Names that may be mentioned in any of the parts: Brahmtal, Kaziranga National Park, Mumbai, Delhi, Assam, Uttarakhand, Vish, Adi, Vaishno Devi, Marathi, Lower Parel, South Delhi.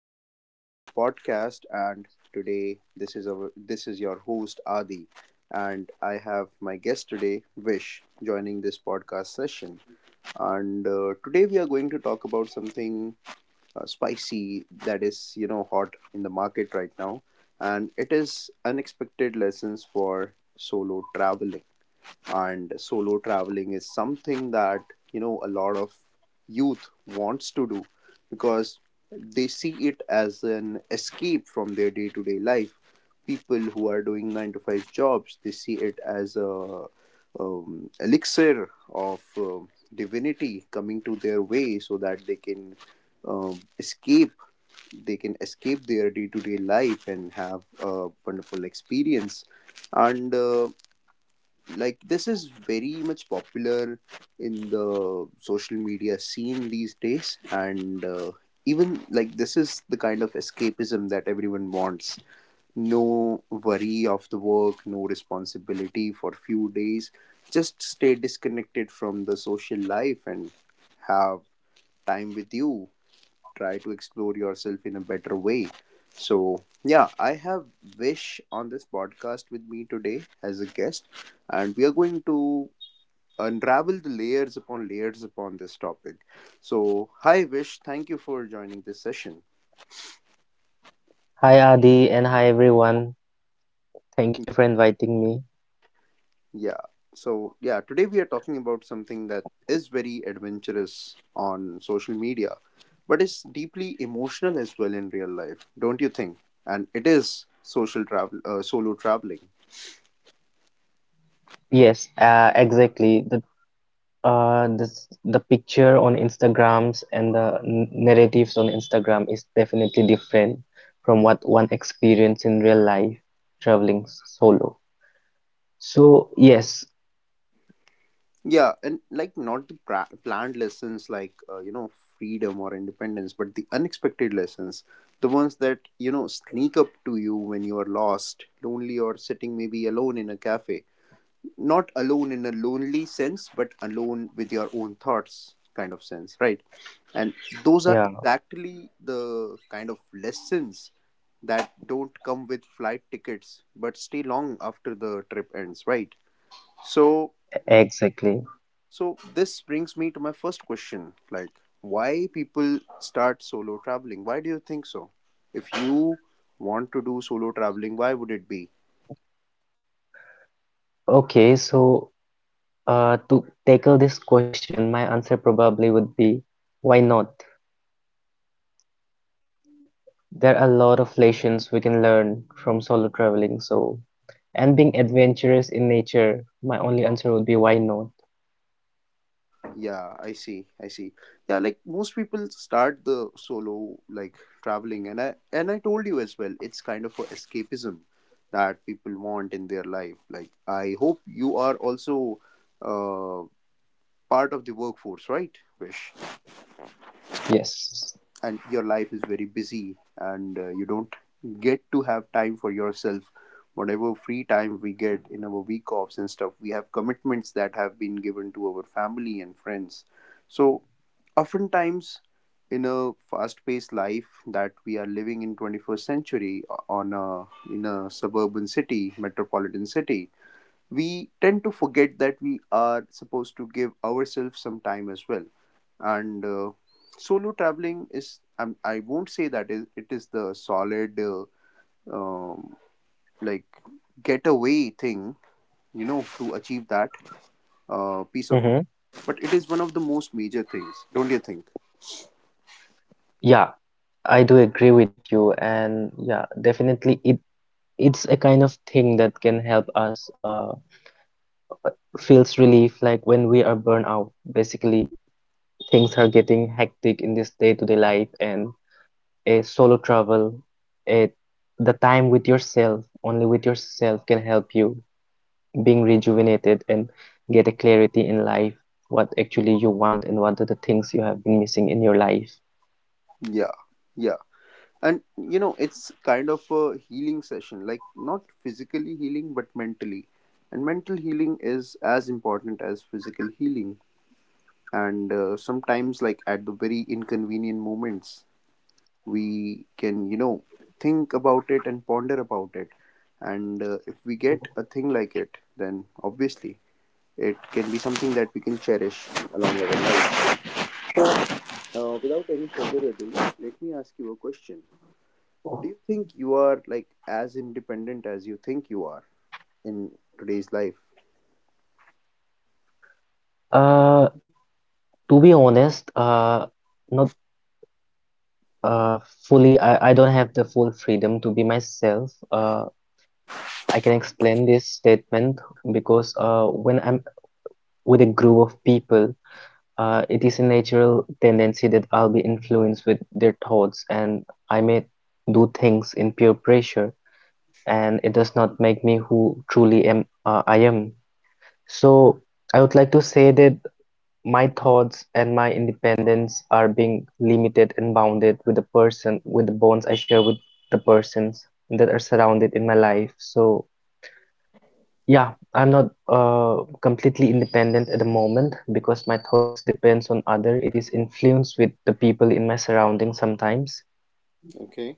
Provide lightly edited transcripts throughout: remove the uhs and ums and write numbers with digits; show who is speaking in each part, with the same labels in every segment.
Speaker 1: you for joining our podcast. And today this is your host Adi, and I have my guest today Vish joining this podcast session. And today we are going to talk about something spicy, that is, you know, hot in the market right now, and it is unexpected lessons for solo traveling. And solo traveling is something that, you know, a lot of youth wants to do because they see it as an escape from their day-to-day life. People who are doing 9 to 5 jobs, they see it as a, elixir of divinity coming to their way, so that they can, escape. They can escape their day-to-day life and have a wonderful experience. And like, this is very much popular in the social media scene these days. And even like, this is the kind of escapism that everyone wants. No worry of the work, no responsibility for few days. Just stay disconnected from the social life and have time with you, try to explore yourself in a better way. So yeah, I have Vish on this podcast with me today as a guest, and we are going to unravel the layers upon this topic. So hi, Vish, thank you for joining this session.
Speaker 2: Hi Adi and hi everyone. Thank you for inviting me.
Speaker 1: Yeah. So yeah, today we are talking about something that is very adventurous on social media, but is deeply emotional as well in real life, don't you think? And it is social travel, solo traveling.
Speaker 2: Yes, exactly. The picture on Instagrams and the narratives on Instagram is definitely different from what one experience in real life traveling solo. So yes,
Speaker 1: Yeah, and like, not the planned lessons like, you know, freedom or independence, but the unexpected lessons, the ones that, you know, sneak up to you when you are lost, lonely, or sitting maybe alone in a cafe. Not alone in a lonely sense, but alone with your own thoughts kind of sense, right? And those are
Speaker 2: yeah,
Speaker 1: exactly the kind of lessons that don't come with flight tickets, but stay long after the trip ends, right? So,
Speaker 2: exactly.
Speaker 1: so this brings me to my first question, like, why people start solo traveling? Why do you think so? If you want to do solo traveling, why would it be?
Speaker 2: Okay, so to tackle this question, my answer probably would be why not? There are a lot of lessons we can learn from solo traveling, so. And being adventurous in nature, my only answer would be why not?
Speaker 1: Yeah, I see. I see. Yeah, like most people start the solo, like, traveling, and I told you as well, it's kind of a escapism that people want in their life. Like, I hope you are also uh part of the workforce, right, Vish?
Speaker 2: Yes.
Speaker 1: And your life is very busy, and you don't get to have time for yourself. Whatever free time we get in our week offs and stuff, we have commitments that have been given to our family and friends. So oftentimes, in a fast paced life that we are living in 21st century, on a in a suburban city, metropolitan city, we tend to forget that we are supposed to give ourselves some time as well. And solo traveling is, I won't say that it is the solid, um, like, getaway thing, you know, to achieve that peace of mind,
Speaker 2: Mm-hmm.
Speaker 1: but it is one of the most major things, don't you think?
Speaker 2: Yeah, I do agree with you, and yeah, definitely it's a kind of thing that can help us feels relief like when we are burned out. Basically, things are getting hectic in this day-to-day life, and a solo travel, a the time with yourself, only with yourself can help you being rejuvenated and get a clarity in life what actually you want and what are the things you have been missing in your life.
Speaker 1: Yeah, yeah. And you know, it's kind of a healing session, like not physically healing, but mentally. And mental healing is as important as physical healing. And sometimes, like at the very inconvenient moments, we can, you know, think about it and ponder about it. And if we get a thing like it, then obviously it can be something that we can cherish along our life. Now, without any further ado, let me ask you a question. Do you think you are, like, as independent as you think you are in today's life?
Speaker 2: uh to be honest, not fully. I don't have the full freedom to be myself. I can explain this statement because when I'm with a group of people, it is a natural tendency that I'll be influenced with their thoughts, and I may do things in peer pressure, and it does not make me who truly am, I am. So I would like to say that my thoughts and my independence are being limited and bounded with the person, with the bonds I share with the persons that are surrounded in my life. So yeah, I'm not completely independent at the moment because my thoughts depends on other. It is influenced with the people in my surroundings sometimes.
Speaker 1: Okay.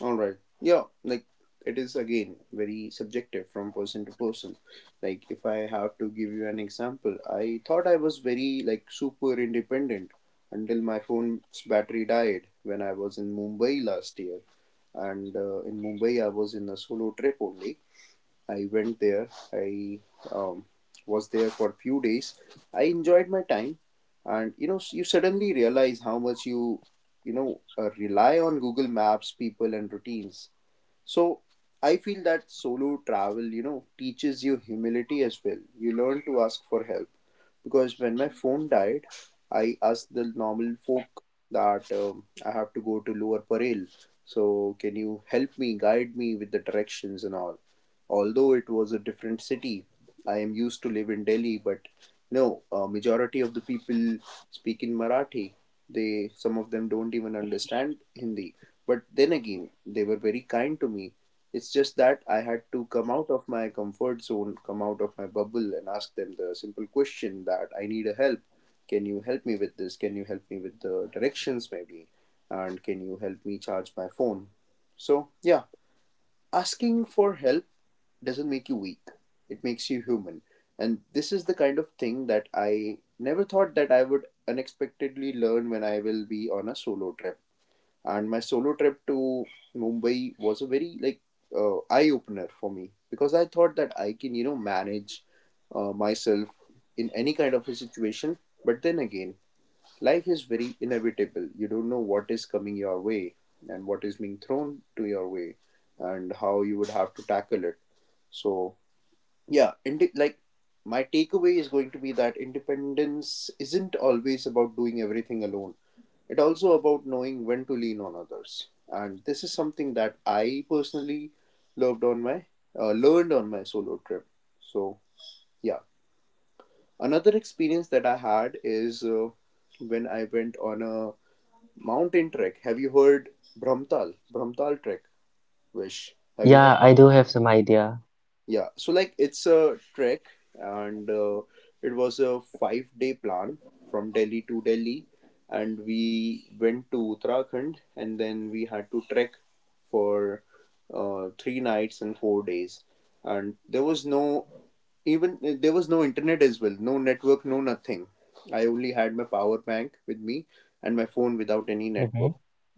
Speaker 1: All right. Yeah, like, it is again very subjective from person to person. Like, if I have to give you an example, I thought I was very like super independent until my phone's battery died when I was in Mumbai last year. And in Mumbai, I was in a solo trip only. I went there. I, um, was there for a few days. I enjoyed my time, and you know, you suddenly realize how much you, you know, rely on Google Maps, people, and routines. So I feel that solo travel, you know, teaches you humility as well. You learn to ask for help because when my phone died, I asked the normal folk that, I have to go to Lower Parel. So can you help me, guide me with the directions and all? Although it was a different city, I am used to live in Delhi, but no, majority of the people speak in Marathi. They, some of them don't even understand Hindi. But then again, they were very kind to me. It's just that I had to come out of my comfort zone, come out of my bubble, and ask them the simple question that I need a help. Can you help me with this? Can you help me with the directions, maybe? And can you help me charge my phone? So yeah, asking for help doesn't make you weak, it makes you human. And this is the kind of thing that I never thought that I would unexpectedly learn when I will be on a solo trip. And my solo trip to Mumbai was a very like, eye opener for me, because I thought that I can, you know, manage, myself in any kind of a situation. But then again, life is very inevitable. You don't know what is coming your way and what is being thrown to your way, and how you would have to tackle it. So yeah, like, my takeaway is going to be that independence isn't always about doing everything alone. It's also about knowing when to lean on others, and this is something that I personally loved on my learned on my solo trip. So yeah, another experience that I had is, when I went on a mountain trek. Have you heard Brahmtal? Brahmtal trek, Vish. Have you heard?
Speaker 2: Yeah, I do have some idea.
Speaker 1: Yeah, so like, it's a trek, and it was a 5 day plan from Delhi to Delhi, and we went to Uttarakhand, and then we had to trek for 3 nights and 4 days, and there was no, even there was no internet as well, no network, no nothing. I only had my power bank with me and my phone without any
Speaker 2: Hmm.
Speaker 1: network.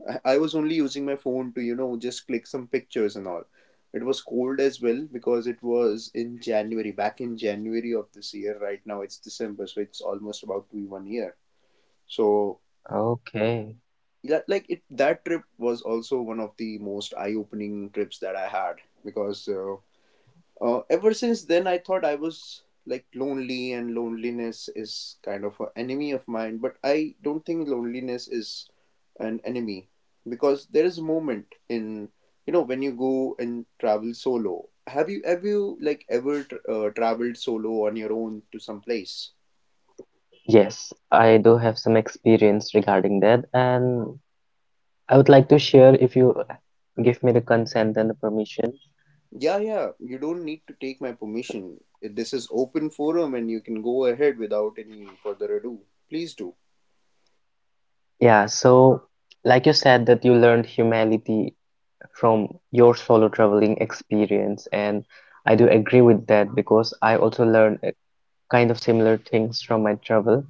Speaker 1: I was only using my phone to, you know, just click some pictures and all. It was cold as well, because it was in January, back in January of this year. Right now it's December, so it's almost about to be 1 year. So
Speaker 2: Okay.
Speaker 1: yeah, like, it that trip was also one of the most eye-opening trips that I had, because ever since then, I thought I was like lonely, and loneliness is kind of an enemy of mine. But I don't think loneliness is an enemy, because there is a moment in, you know, when you go and travel solo. Have you like ever tr traveled solo on your own to some place?
Speaker 2: Yes, I do have some experience regarding that, and I would like to share if you give me the consent and the permission.
Speaker 1: Yeah, yeah. You don't need to take my permission. This is open forum, and you can go ahead without any further ado. Please do.
Speaker 2: Yeah, so like you said that you learned humanity from your solo traveling experience, and I do agree with that because I also learned kind of similar things from my travel.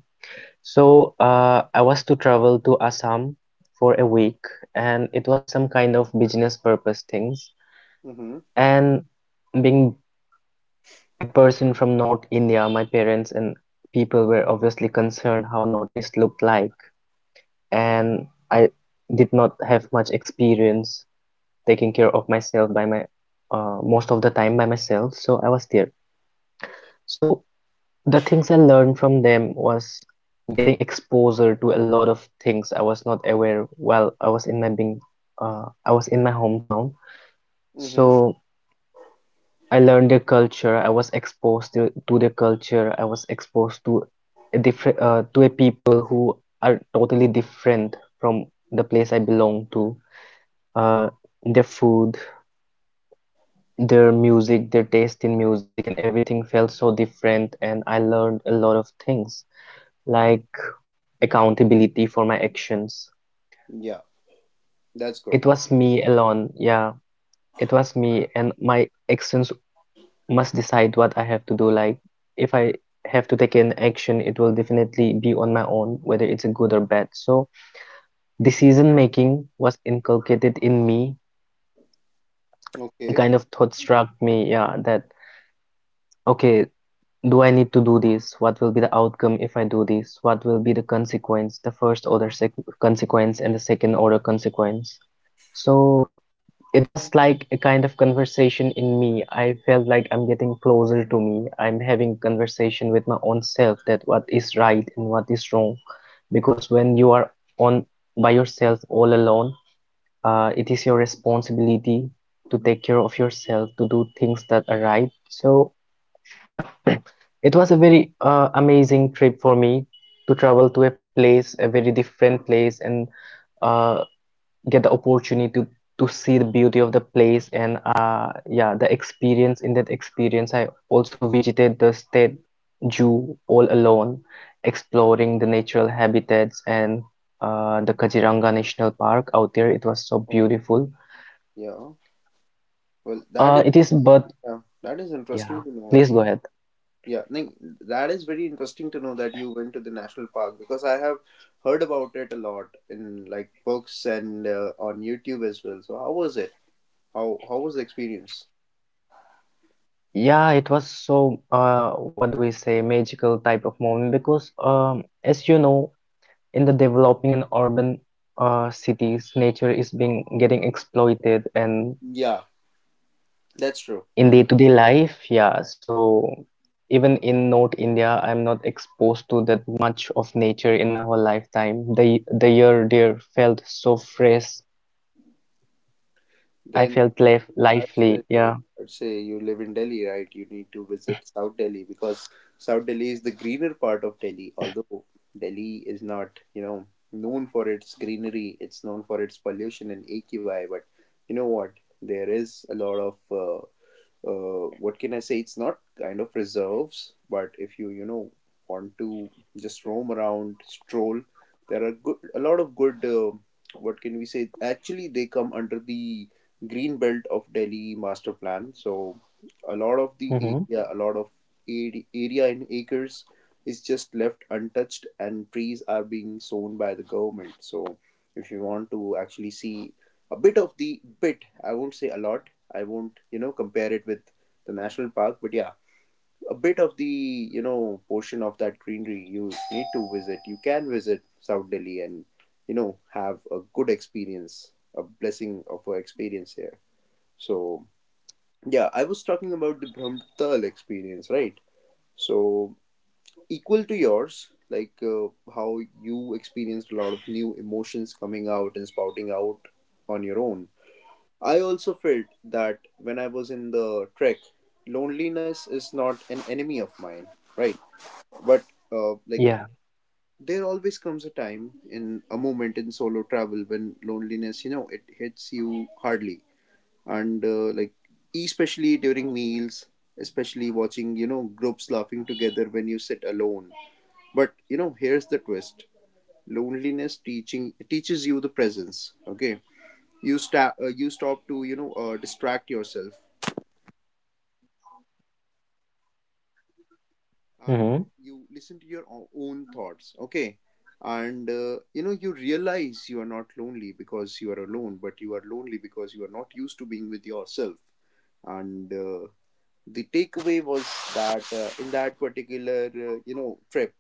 Speaker 2: So I was to travel to Assam for a week, and it was some kind of business purpose things.
Speaker 1: Mm-hmm.
Speaker 2: And being a person from North India, my parents and people were obviously concerned how Northeast looked like, and I did not have much experience taking care of myself by my most of the time by myself, so I was there. So the things I learned from them was getting exposure to a lot of things I was not aware while I was in my being, I was in my hometown.
Speaker 1: Mm-hmm.
Speaker 2: So I learned their culture. I was exposed to their culture. I was exposed to a people who are totally different from the place I belong to. uh, their food, their music, their taste in music and everything felt so different, and I learned a lot of things like accountability for my actions.
Speaker 1: Yeah, that's good.
Speaker 2: It was me alone, yeah. It was me and my actions must decide what I have to do. Like if I have to take an action, it will definitely be on my own, whether it's a good or bad. So decision making was inculcated in me. A
Speaker 1: Okay.
Speaker 2: kind of thought struck me, yeah, that okay, do I need to do this? What will be the outcome if I do this? What will be the consequence, the first order consequence and the second order consequence? So it was like a kind of conversation in me. I felt like I'm getting closer to me. I'm having conversation with my own self that what is right and what is wrong. Because when you are on by yourself all alone, it is your responsibility to take care of yourself, to do things that are right. So yeah, it was a very amazing trip for me to travel to a place, a very different place, and uh, get the opportunity to see the beauty of the place. And yeah, the experience in that experience, I also visited the state zoo all alone, exploring the natural habitats and the Kaziranga National Park out there. It was so beautiful.
Speaker 1: Yeah. Well, that is,
Speaker 2: It is, but
Speaker 1: yeah, that is interesting
Speaker 2: yeah,
Speaker 1: to know.
Speaker 2: please
Speaker 1: Actually.
Speaker 2: go ahead.
Speaker 1: Yeah, like, that is very interesting to know that you went to the national park, because I have heard about it a lot in like books, and on YouTube as well. So how was it? How was the experience?
Speaker 2: Yeah, it was so, what do we say, magical type of moment because, as you know, in the developing and urban cities, nature is being getting exploited, and
Speaker 1: Yeah, that's true.
Speaker 2: in day-to-day life, yeah. So even in North India, I'm not exposed to that much of nature in my whole lifetime. The year there felt so fresh. I
Speaker 1: Then
Speaker 2: felt life
Speaker 1: would
Speaker 2: lively.
Speaker 1: say,
Speaker 2: Yeah.
Speaker 1: I'd say you live in Delhi, right? You need to visit South Delhi, because South Delhi is the greener part of Delhi. Although Delhi is not, you know, known for its greenery, it's known for its pollution and AQI. But you know what? There is a lot of, uh, what can I say? It's not kind of reserves, but if you, you know, want to just roam around, stroll, there are good, a lot of good. What can we say? Actually, they come under the green belt of Delhi master plan. So a lot of the
Speaker 2: Mm-hmm.
Speaker 1: area, a lot of area in acres is just left untouched, and trees are being sown by the government. So if you want to actually see a bit of the bit, I won't say a lot, I won't, you know, compare it with the national park, but yeah, a bit of the, you know, portion of that greenery you need to visit. You can visit South Delhi and, you know, have a good experience, a blessing of an experience here. So yeah, I was talking about the Brahmtal experience, right? So, equal to yours, like how you experienced a lot of new emotions coming out and spouting out on your own. I also felt that when I was in the trek, loneliness is not an enemy of mine, right? But uh,
Speaker 2: Yeah.
Speaker 1: like there always comes a time in a moment in solo travel when loneliness, you know, it hits you hardly, and especially during meals, especially watching, you know, groups laughing together when you sit alone. But you know, here's the twist: loneliness teaching teaches you the presence. Okay, you stop, you stop to, you know, distract yourself
Speaker 2: Mm-hmm.
Speaker 1: and you listen to your own thoughts. Okay. And you know, you realize you are not lonely because you are alone, but you are lonely because you are not used to being with yourself. And the takeaway was that in that particular, you know, trip,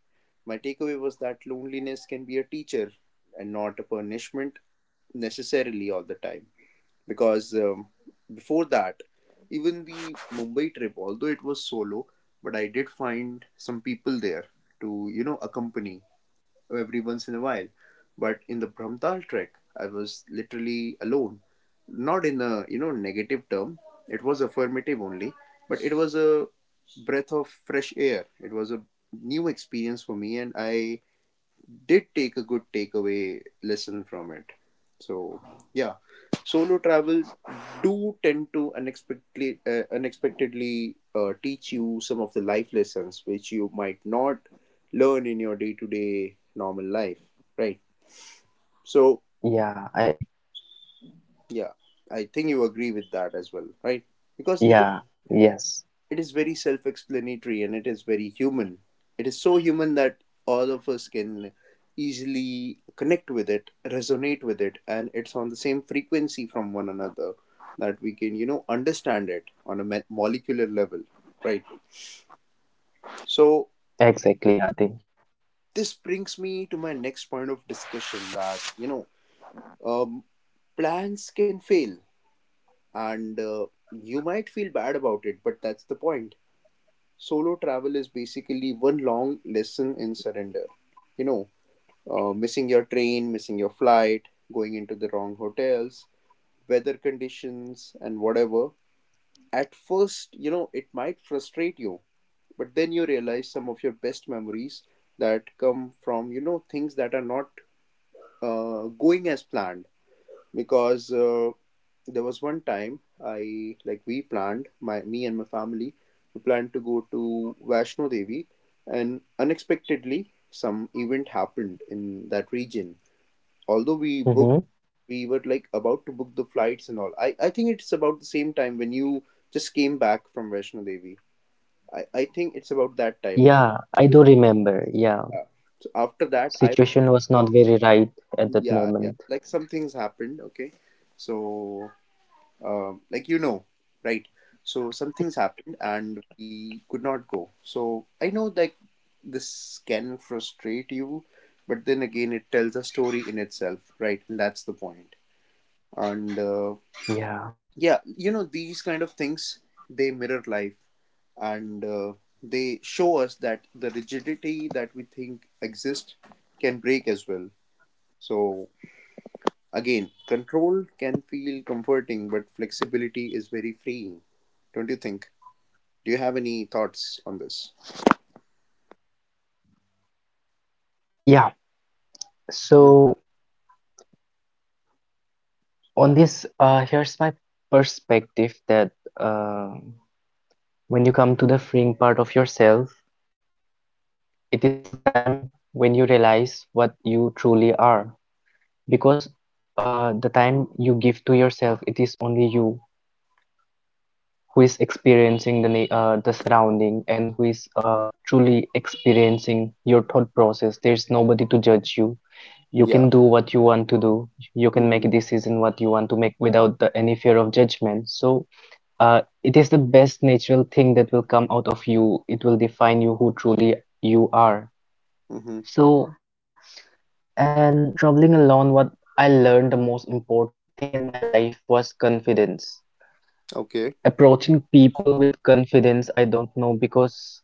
Speaker 1: my takeaway was that loneliness can be a teacher and not a punishment necessarily all the time. Because before that, even the Mumbai trip, although it was solo, but I did find some people there to, you know, accompany every once in a while. But in the Brahmtal trek, I was literally alone, not in a, you know, negative term. It was affirmative only. But it was a breath of fresh air. It was a new experience for me, and I did take a good takeaway lesson from it. So yeah, solo travels do tend to unexpectedly teach you some of the life lessons which you might not learn in your day to day normal life, right? So
Speaker 2: Yeah.
Speaker 1: yeah, I think you agree with that as well, right? Because it
Speaker 2: Yeah.
Speaker 1: it is
Speaker 2: Yes.
Speaker 1: very self-explanatory and it is very human. It is so human that all of us can easily connect with it, resonate with it, and it's on the same frequency from one another, that we can, you know, understand it on a molecular level, right? So
Speaker 2: Exactly, Adi.
Speaker 1: this brings me to my next point of discussion, that you know, um, plans can fail, and you might feel bad about it, but that's the point. Solo travel is basically one long lesson in surrender. You know, missing your train, missing your flight, going into the wrong hotels, weather conditions, and whatever. At first, you know, it might frustrate you, but then you realize some of your best memories that come from, you know, things that are not going as planned. Because there was one time, I like we planned my me and my family, we planned to go to Vaishno Devi, and unexpectedly some event happened in that region. Although we booked,
Speaker 2: Mm-hmm.
Speaker 1: we were like about to book the flights and all. I think it's about the same time when you just came back from Vaishno Devi. I think it's about that time.
Speaker 2: Yeah, I do remember.
Speaker 1: Yeah.
Speaker 2: Yeah.
Speaker 1: So after that, I
Speaker 2: Situation was not very right
Speaker 1: yeah,
Speaker 2: at
Speaker 1: yeah,
Speaker 2: that
Speaker 1: like some
Speaker 2: moment.
Speaker 1: things happened. Okay, so like you know, right? So some things happened and we could not go. So I know that this can frustrate you, but then again, it tells a story in itself, right? And that's the point. And
Speaker 2: Yeah.
Speaker 1: yeah, you know, these kind of things, they mirror life. And they show us that the rigidity that we think exists can break as well. So again, control can feel comforting, but flexibility is very freeing, don't you think? Do you have any thoughts on this?
Speaker 2: Yeah.
Speaker 1: Mm.
Speaker 2: So on this, here's my perspective that uh, when you come to the freeing part of yourself, it is the time when you realize what you truly are. Because the time you give to yourself, it is only you who is experiencing the surrounding, and who is truly experiencing your thought process. There's nobody to judge you. You
Speaker 1: Yeah.
Speaker 2: can do what you want to do. You can
Speaker 1: Mm-hmm.
Speaker 2: make a decision what you want to make without any fear of judgment. So it is the best natural thing that will come out of you. It will define you who truly you are.
Speaker 1: Mm-hmm.
Speaker 2: So. And traveling alone, what I learned the most important thing in my life was confidence.
Speaker 1: Okay.
Speaker 2: Approaching people with confidence, I don't know because,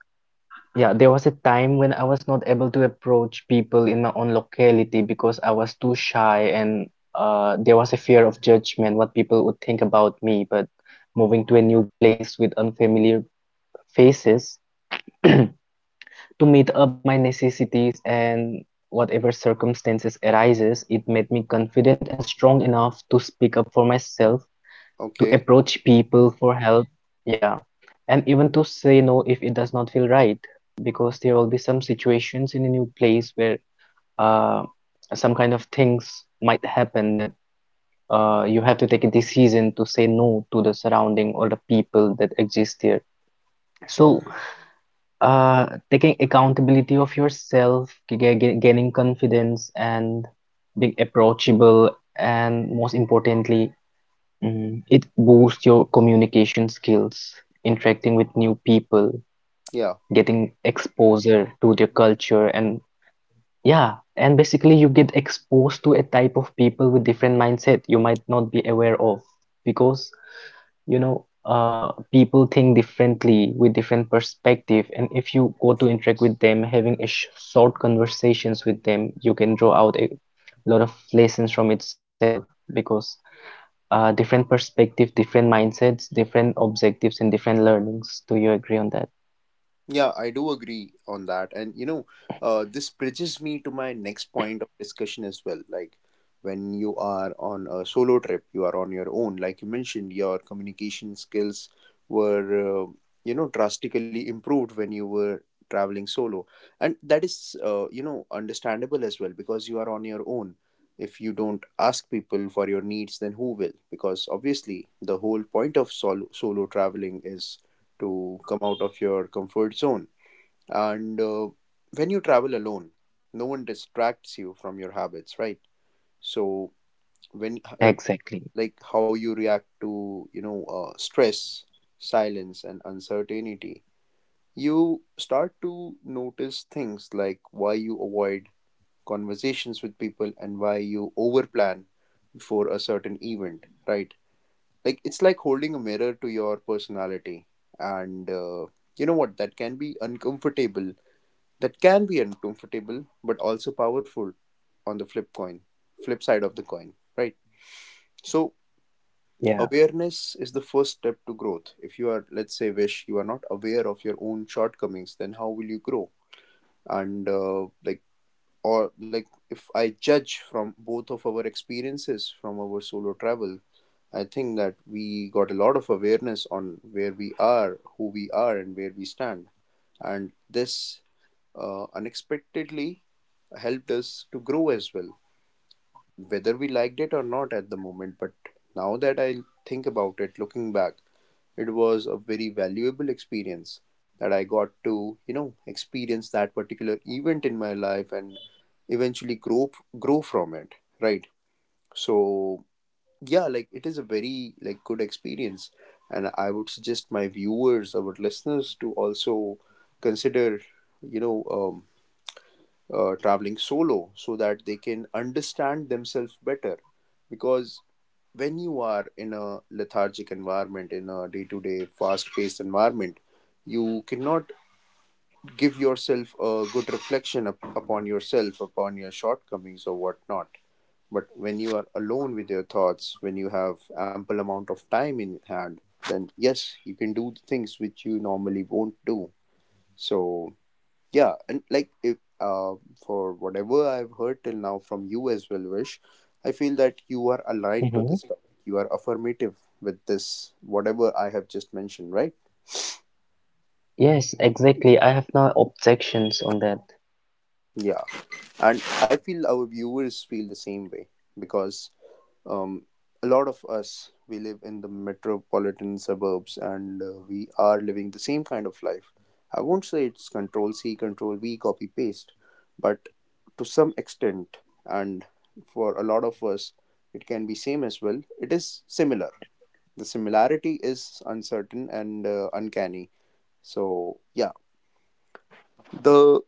Speaker 2: yeah, there was a time when I was not able to approach people in my own locality because I was too shy and there was a fear of judgment, what people would think about me. But moving to a new place with unfamiliar faces, to meet up my necessities and whatever circumstances arises, it made me confident and strong enough to speak up for myself,
Speaker 1: Okay.
Speaker 2: to approach people for help, yeah, and even no if it does not feel right, because there will be some situations in a new place where uh, some kind of things might happen that you have to take a decision to say no to the surrounding or the people that exist there. So
Speaker 1: Okay.
Speaker 2: taking accountability of yourself, gaining confidence, and being approachable, and most importantly, it boosts your communication skills, interacting with new people,
Speaker 1: Yeah.
Speaker 2: getting exposure to their culture, and yeah, and basically you get exposed to a type of people with different mindset you might not be aware of, because you know, people think differently with different perspective, and if you go to interact with them having a sh short conversations with them, you can draw out a lot of lessons from itself, because different perspective, different mindsets, different objectives, and different learnings. Do you agree on that?
Speaker 1: Yeah, I do agree on that. And you know, this bridges me to my next point of discussion as well. Like when you are on a solo trip, you are on your own. Like you mentioned, your communication skills were, you know, drastically improved when you were traveling solo. And that is, you know, understandable as well, because you are on your own. If you don't ask people for your needs, then who will? Because obviously, the whole point of solo traveling is to come out of your comfort zone. And when you travel alone, no one distracts you from your habits, right? So when
Speaker 2: Exactly.
Speaker 1: like how you react to, you know, stress, silence, and uncertainty, you start to notice things like why you avoid conversations with people and why you overplan for a certain event, right? Like it's like holding a mirror to your personality. And you know what, that can be uncomfortable, but also powerful, on the flip side of the coin, right? So
Speaker 2: Yeah.
Speaker 1: awareness is the first step to growth. If you are, let's say, wish you are not aware of your own shortcomings, then how will you grow? And or like if I judge from both of our experiences from our solo travel, I think that we got a lot of awareness on where we are, who we are, and where we stand. And this unexpectedly helped us to grow as well, whether we liked it or not at the moment. But now that I think about it, looking back, it was a very valuable experience, that I got to, you know, experience that particular event in my life and eventually grow from it, right? So yeah, like it is a very like good experience, and I would suggest my viewers, our listeners, to also consider, you know, traveling solo, so that they can understand themselves better. Because when you are in a lethargic environment, in a day-to-day fast-paced environment, you cannot give yourself a good reflection upon yourself, upon your shortcomings or whatnot. But when you are alone with your thoughts, when you have ample amount of time in hand, then yes, you can do things which you normally won't do. So yeah, and like if for whatever I've heard till now from you as well, Vish, I feel that you are aligned to this
Speaker 2: Hmm.
Speaker 1: topic. You are affirmative with this whatever I have just mentioned, right?
Speaker 2: Yes, exactly, I have no objections on that.
Speaker 1: Yeah, and I feel our viewers feel the same way. Because um, a lot of us, we live in the metropolitan suburbs, and we are living the same kind of life. I won't say it's control C control V copy paste, but to some extent, and for a lot of us, it can be same as well, it is similar. The similarity is uncertain and uncanny. So yeah, the,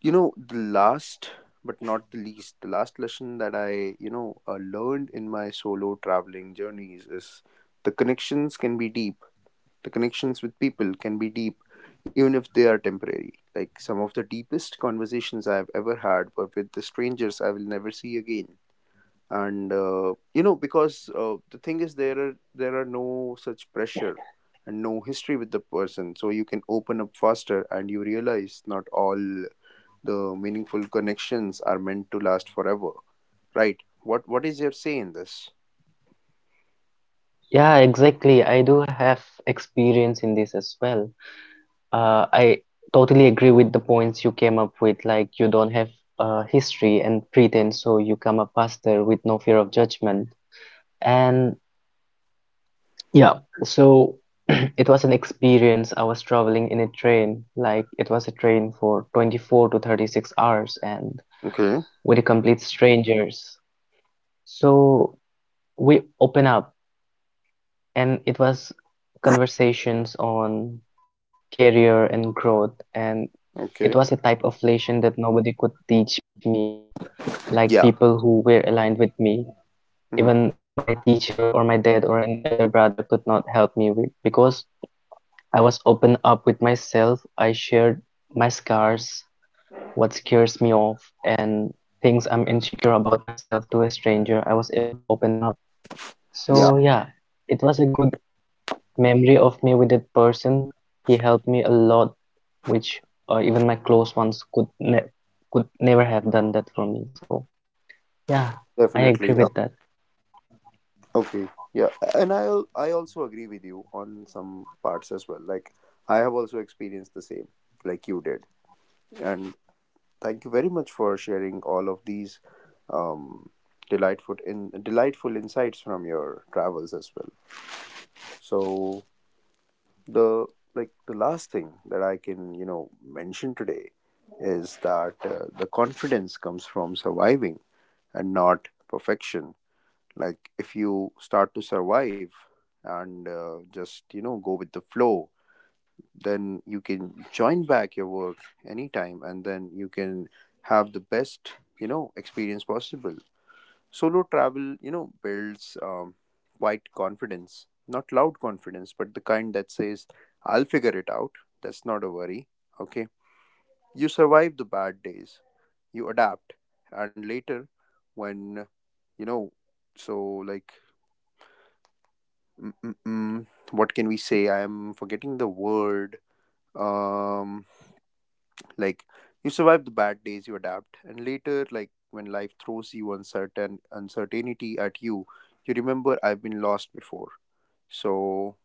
Speaker 1: you know, the last but not the least, the last lesson that I, you know, learned in my solo traveling journeys is the connections can be deep. The connections with people can be deep, even if they are temporary. Like some of the deepest conversations I have ever had were with the strangers I will never see again. And you know, because the thing is, there are no such pressure and no history with the person, so you can open up faster, and you realize not all the meaningful connections are meant to last forever, right? What is your say in this?
Speaker 2: Yeah, exactly, I do have experience in this as well. I totally agree with the points you came up with. Like, you don't have history and pretense, so you come up faster with no fear of judgment. And yeah, so it was an experience. I was traveling in a train, like, it was a train for 24 to 36 hours and
Speaker 1: Okay.
Speaker 2: with a complete strangers. So we open up and it was conversations on career and growth, and it was a
Speaker 1: Okay.
Speaker 2: type of relation that nobody could teach me, like
Speaker 1: Yeah.
Speaker 2: people who were aligned with me, even
Speaker 1: Mm.
Speaker 2: my teacher or my dad or an elder brother could not help me with. Because I was open up with myself, I shared my scars, what scares me off, and things I'm insecure about myself to a stranger I was able to open up. So yeah,
Speaker 1: Yeah,
Speaker 2: it was a good memory of me with that person. He helped me a lot, which even my close ones could never have done that for me. So yeah, I agree with that.
Speaker 1: definitely. Yeah. Okay, yeah. And I I also agree with you on some parts as well. Like I have also experienced the same, like you did. And thank you very much for sharing all of these, um delightful in delightful insights from your travels as well. So the, like the last thing that I can, you know, mention today is that the confidence comes from surviving and not perfection. Like if you start to survive and just, you know, go with the flow, then you can join back your work anytime, and then you can have the best, you know, experience possible. Solo travel, you know, builds quiet confidence, not loud confidence, but the kind that says, I'll figure it out. That's not a worry. Okay. You survive the bad days, you adapt. And later, when, you know, so like, mm, mm, mm, what can we say? I'm forgetting the word. Um, like, you survive the bad days, you adapt. And later, like, when life throws you uncertainty at you, you remember, I've been lost before. So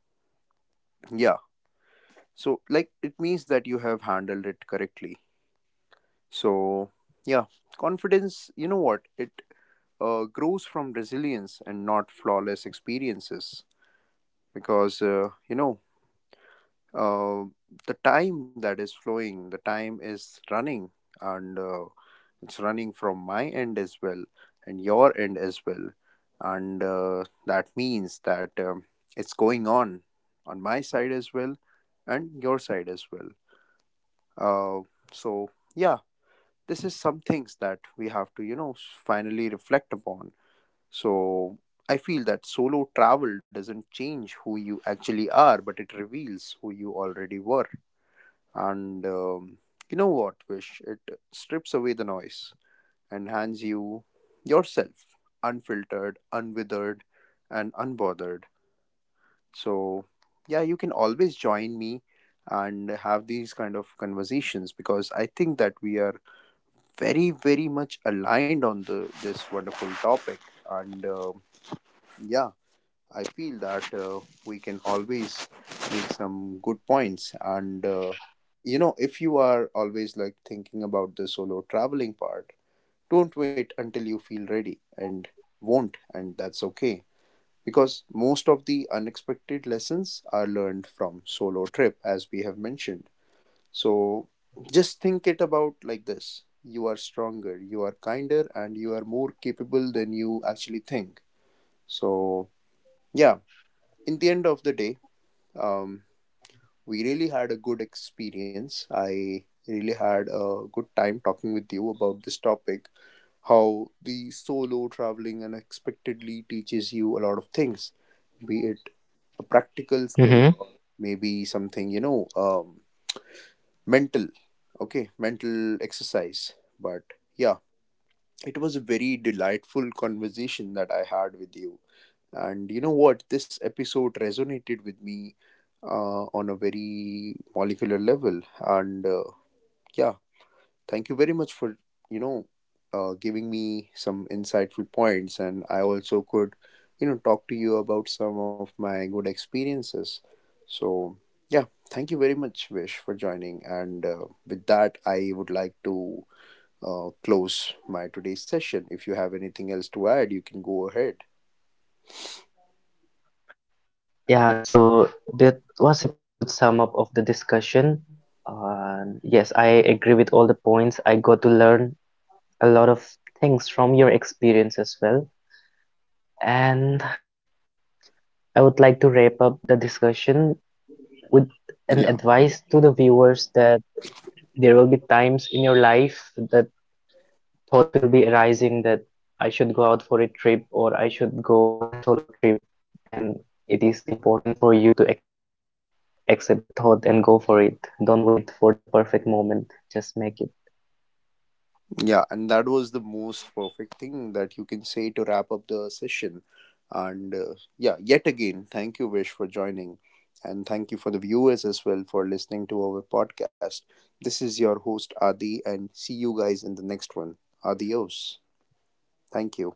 Speaker 1: yeah. So like, it means that you have handled it correctly. So yeah. Confidence, you know what? It grows from resilience and not flawless experiences. Because, you know, uh, the time that is flowing, the time is running, and it's running from my end as well, and your end as well. And that means that it's going on my side as well, and your side as well. Uh, so yeah, this is some things that we have to, you know, finally reflect upon. So I feel that solo travel doesn't change who you actually are, but it reveals who you already were. And you know what, Vish? It strips away the noise and hands you yourself, unfiltered, unwithered, and unbothered. So yeah, you can always join me and have these kind of conversations, because I think that we are very, very much aligned on the this wonderful topic. And yeah, I feel that we can always make some good points. And you know, if you are always like thinking about the solo traveling part, don't wait until you feel ready and won't, and that's okay, because most of the unexpected lessons are learned from solo trip, as we have mentioned. So just think it about like this: you are stronger, you are kinder, and you are more capable than you actually think. So yeah, in the end of the day, um, we really had a good experience. I really had a good time talking with you about this topic, how the solo traveling unexpectedly teaches you a lot of things, be it a practical
Speaker 2: Mm-hmm.
Speaker 1: skill or maybe something, you know. Mental, okay, mental exercise. But yeah, it was a very delightful conversation that I had with you. And you know what, this episode resonated with me on a very molecular level. And yeah. Thank you very much for, you know, giving me some insightful points. And I also could, you know, talk to you about some of my good experiences. So yeah, thank you very much, Vish, for joining. And with that, I would like to close my today's session. If you have anything else to add, you can go ahead.
Speaker 2: Yeah, so that was a pretty good sum up of the discussion. Yes, I agree with all the points. I got to learn a lot of things from your experience as well. And I would like to wrap up the discussion with an
Speaker 1: Yeah.
Speaker 2: advice to the viewers that there will be times in your life that thoughts will be arising that I should go out for a trip or I should go on a solo trip, and it is important for you to accept the trip, accept the thought, and go for it. Don't wait for the perfect moment, just make it.
Speaker 1: Yeah, and that was the most perfect thing that you can say to wrap up the session. And yeah, yet again, thank you, Vish, for joining. And thank you for the viewers as well for listening to our podcast. This is your host, Adi, and see you guys in the next one. Adios. Thank you.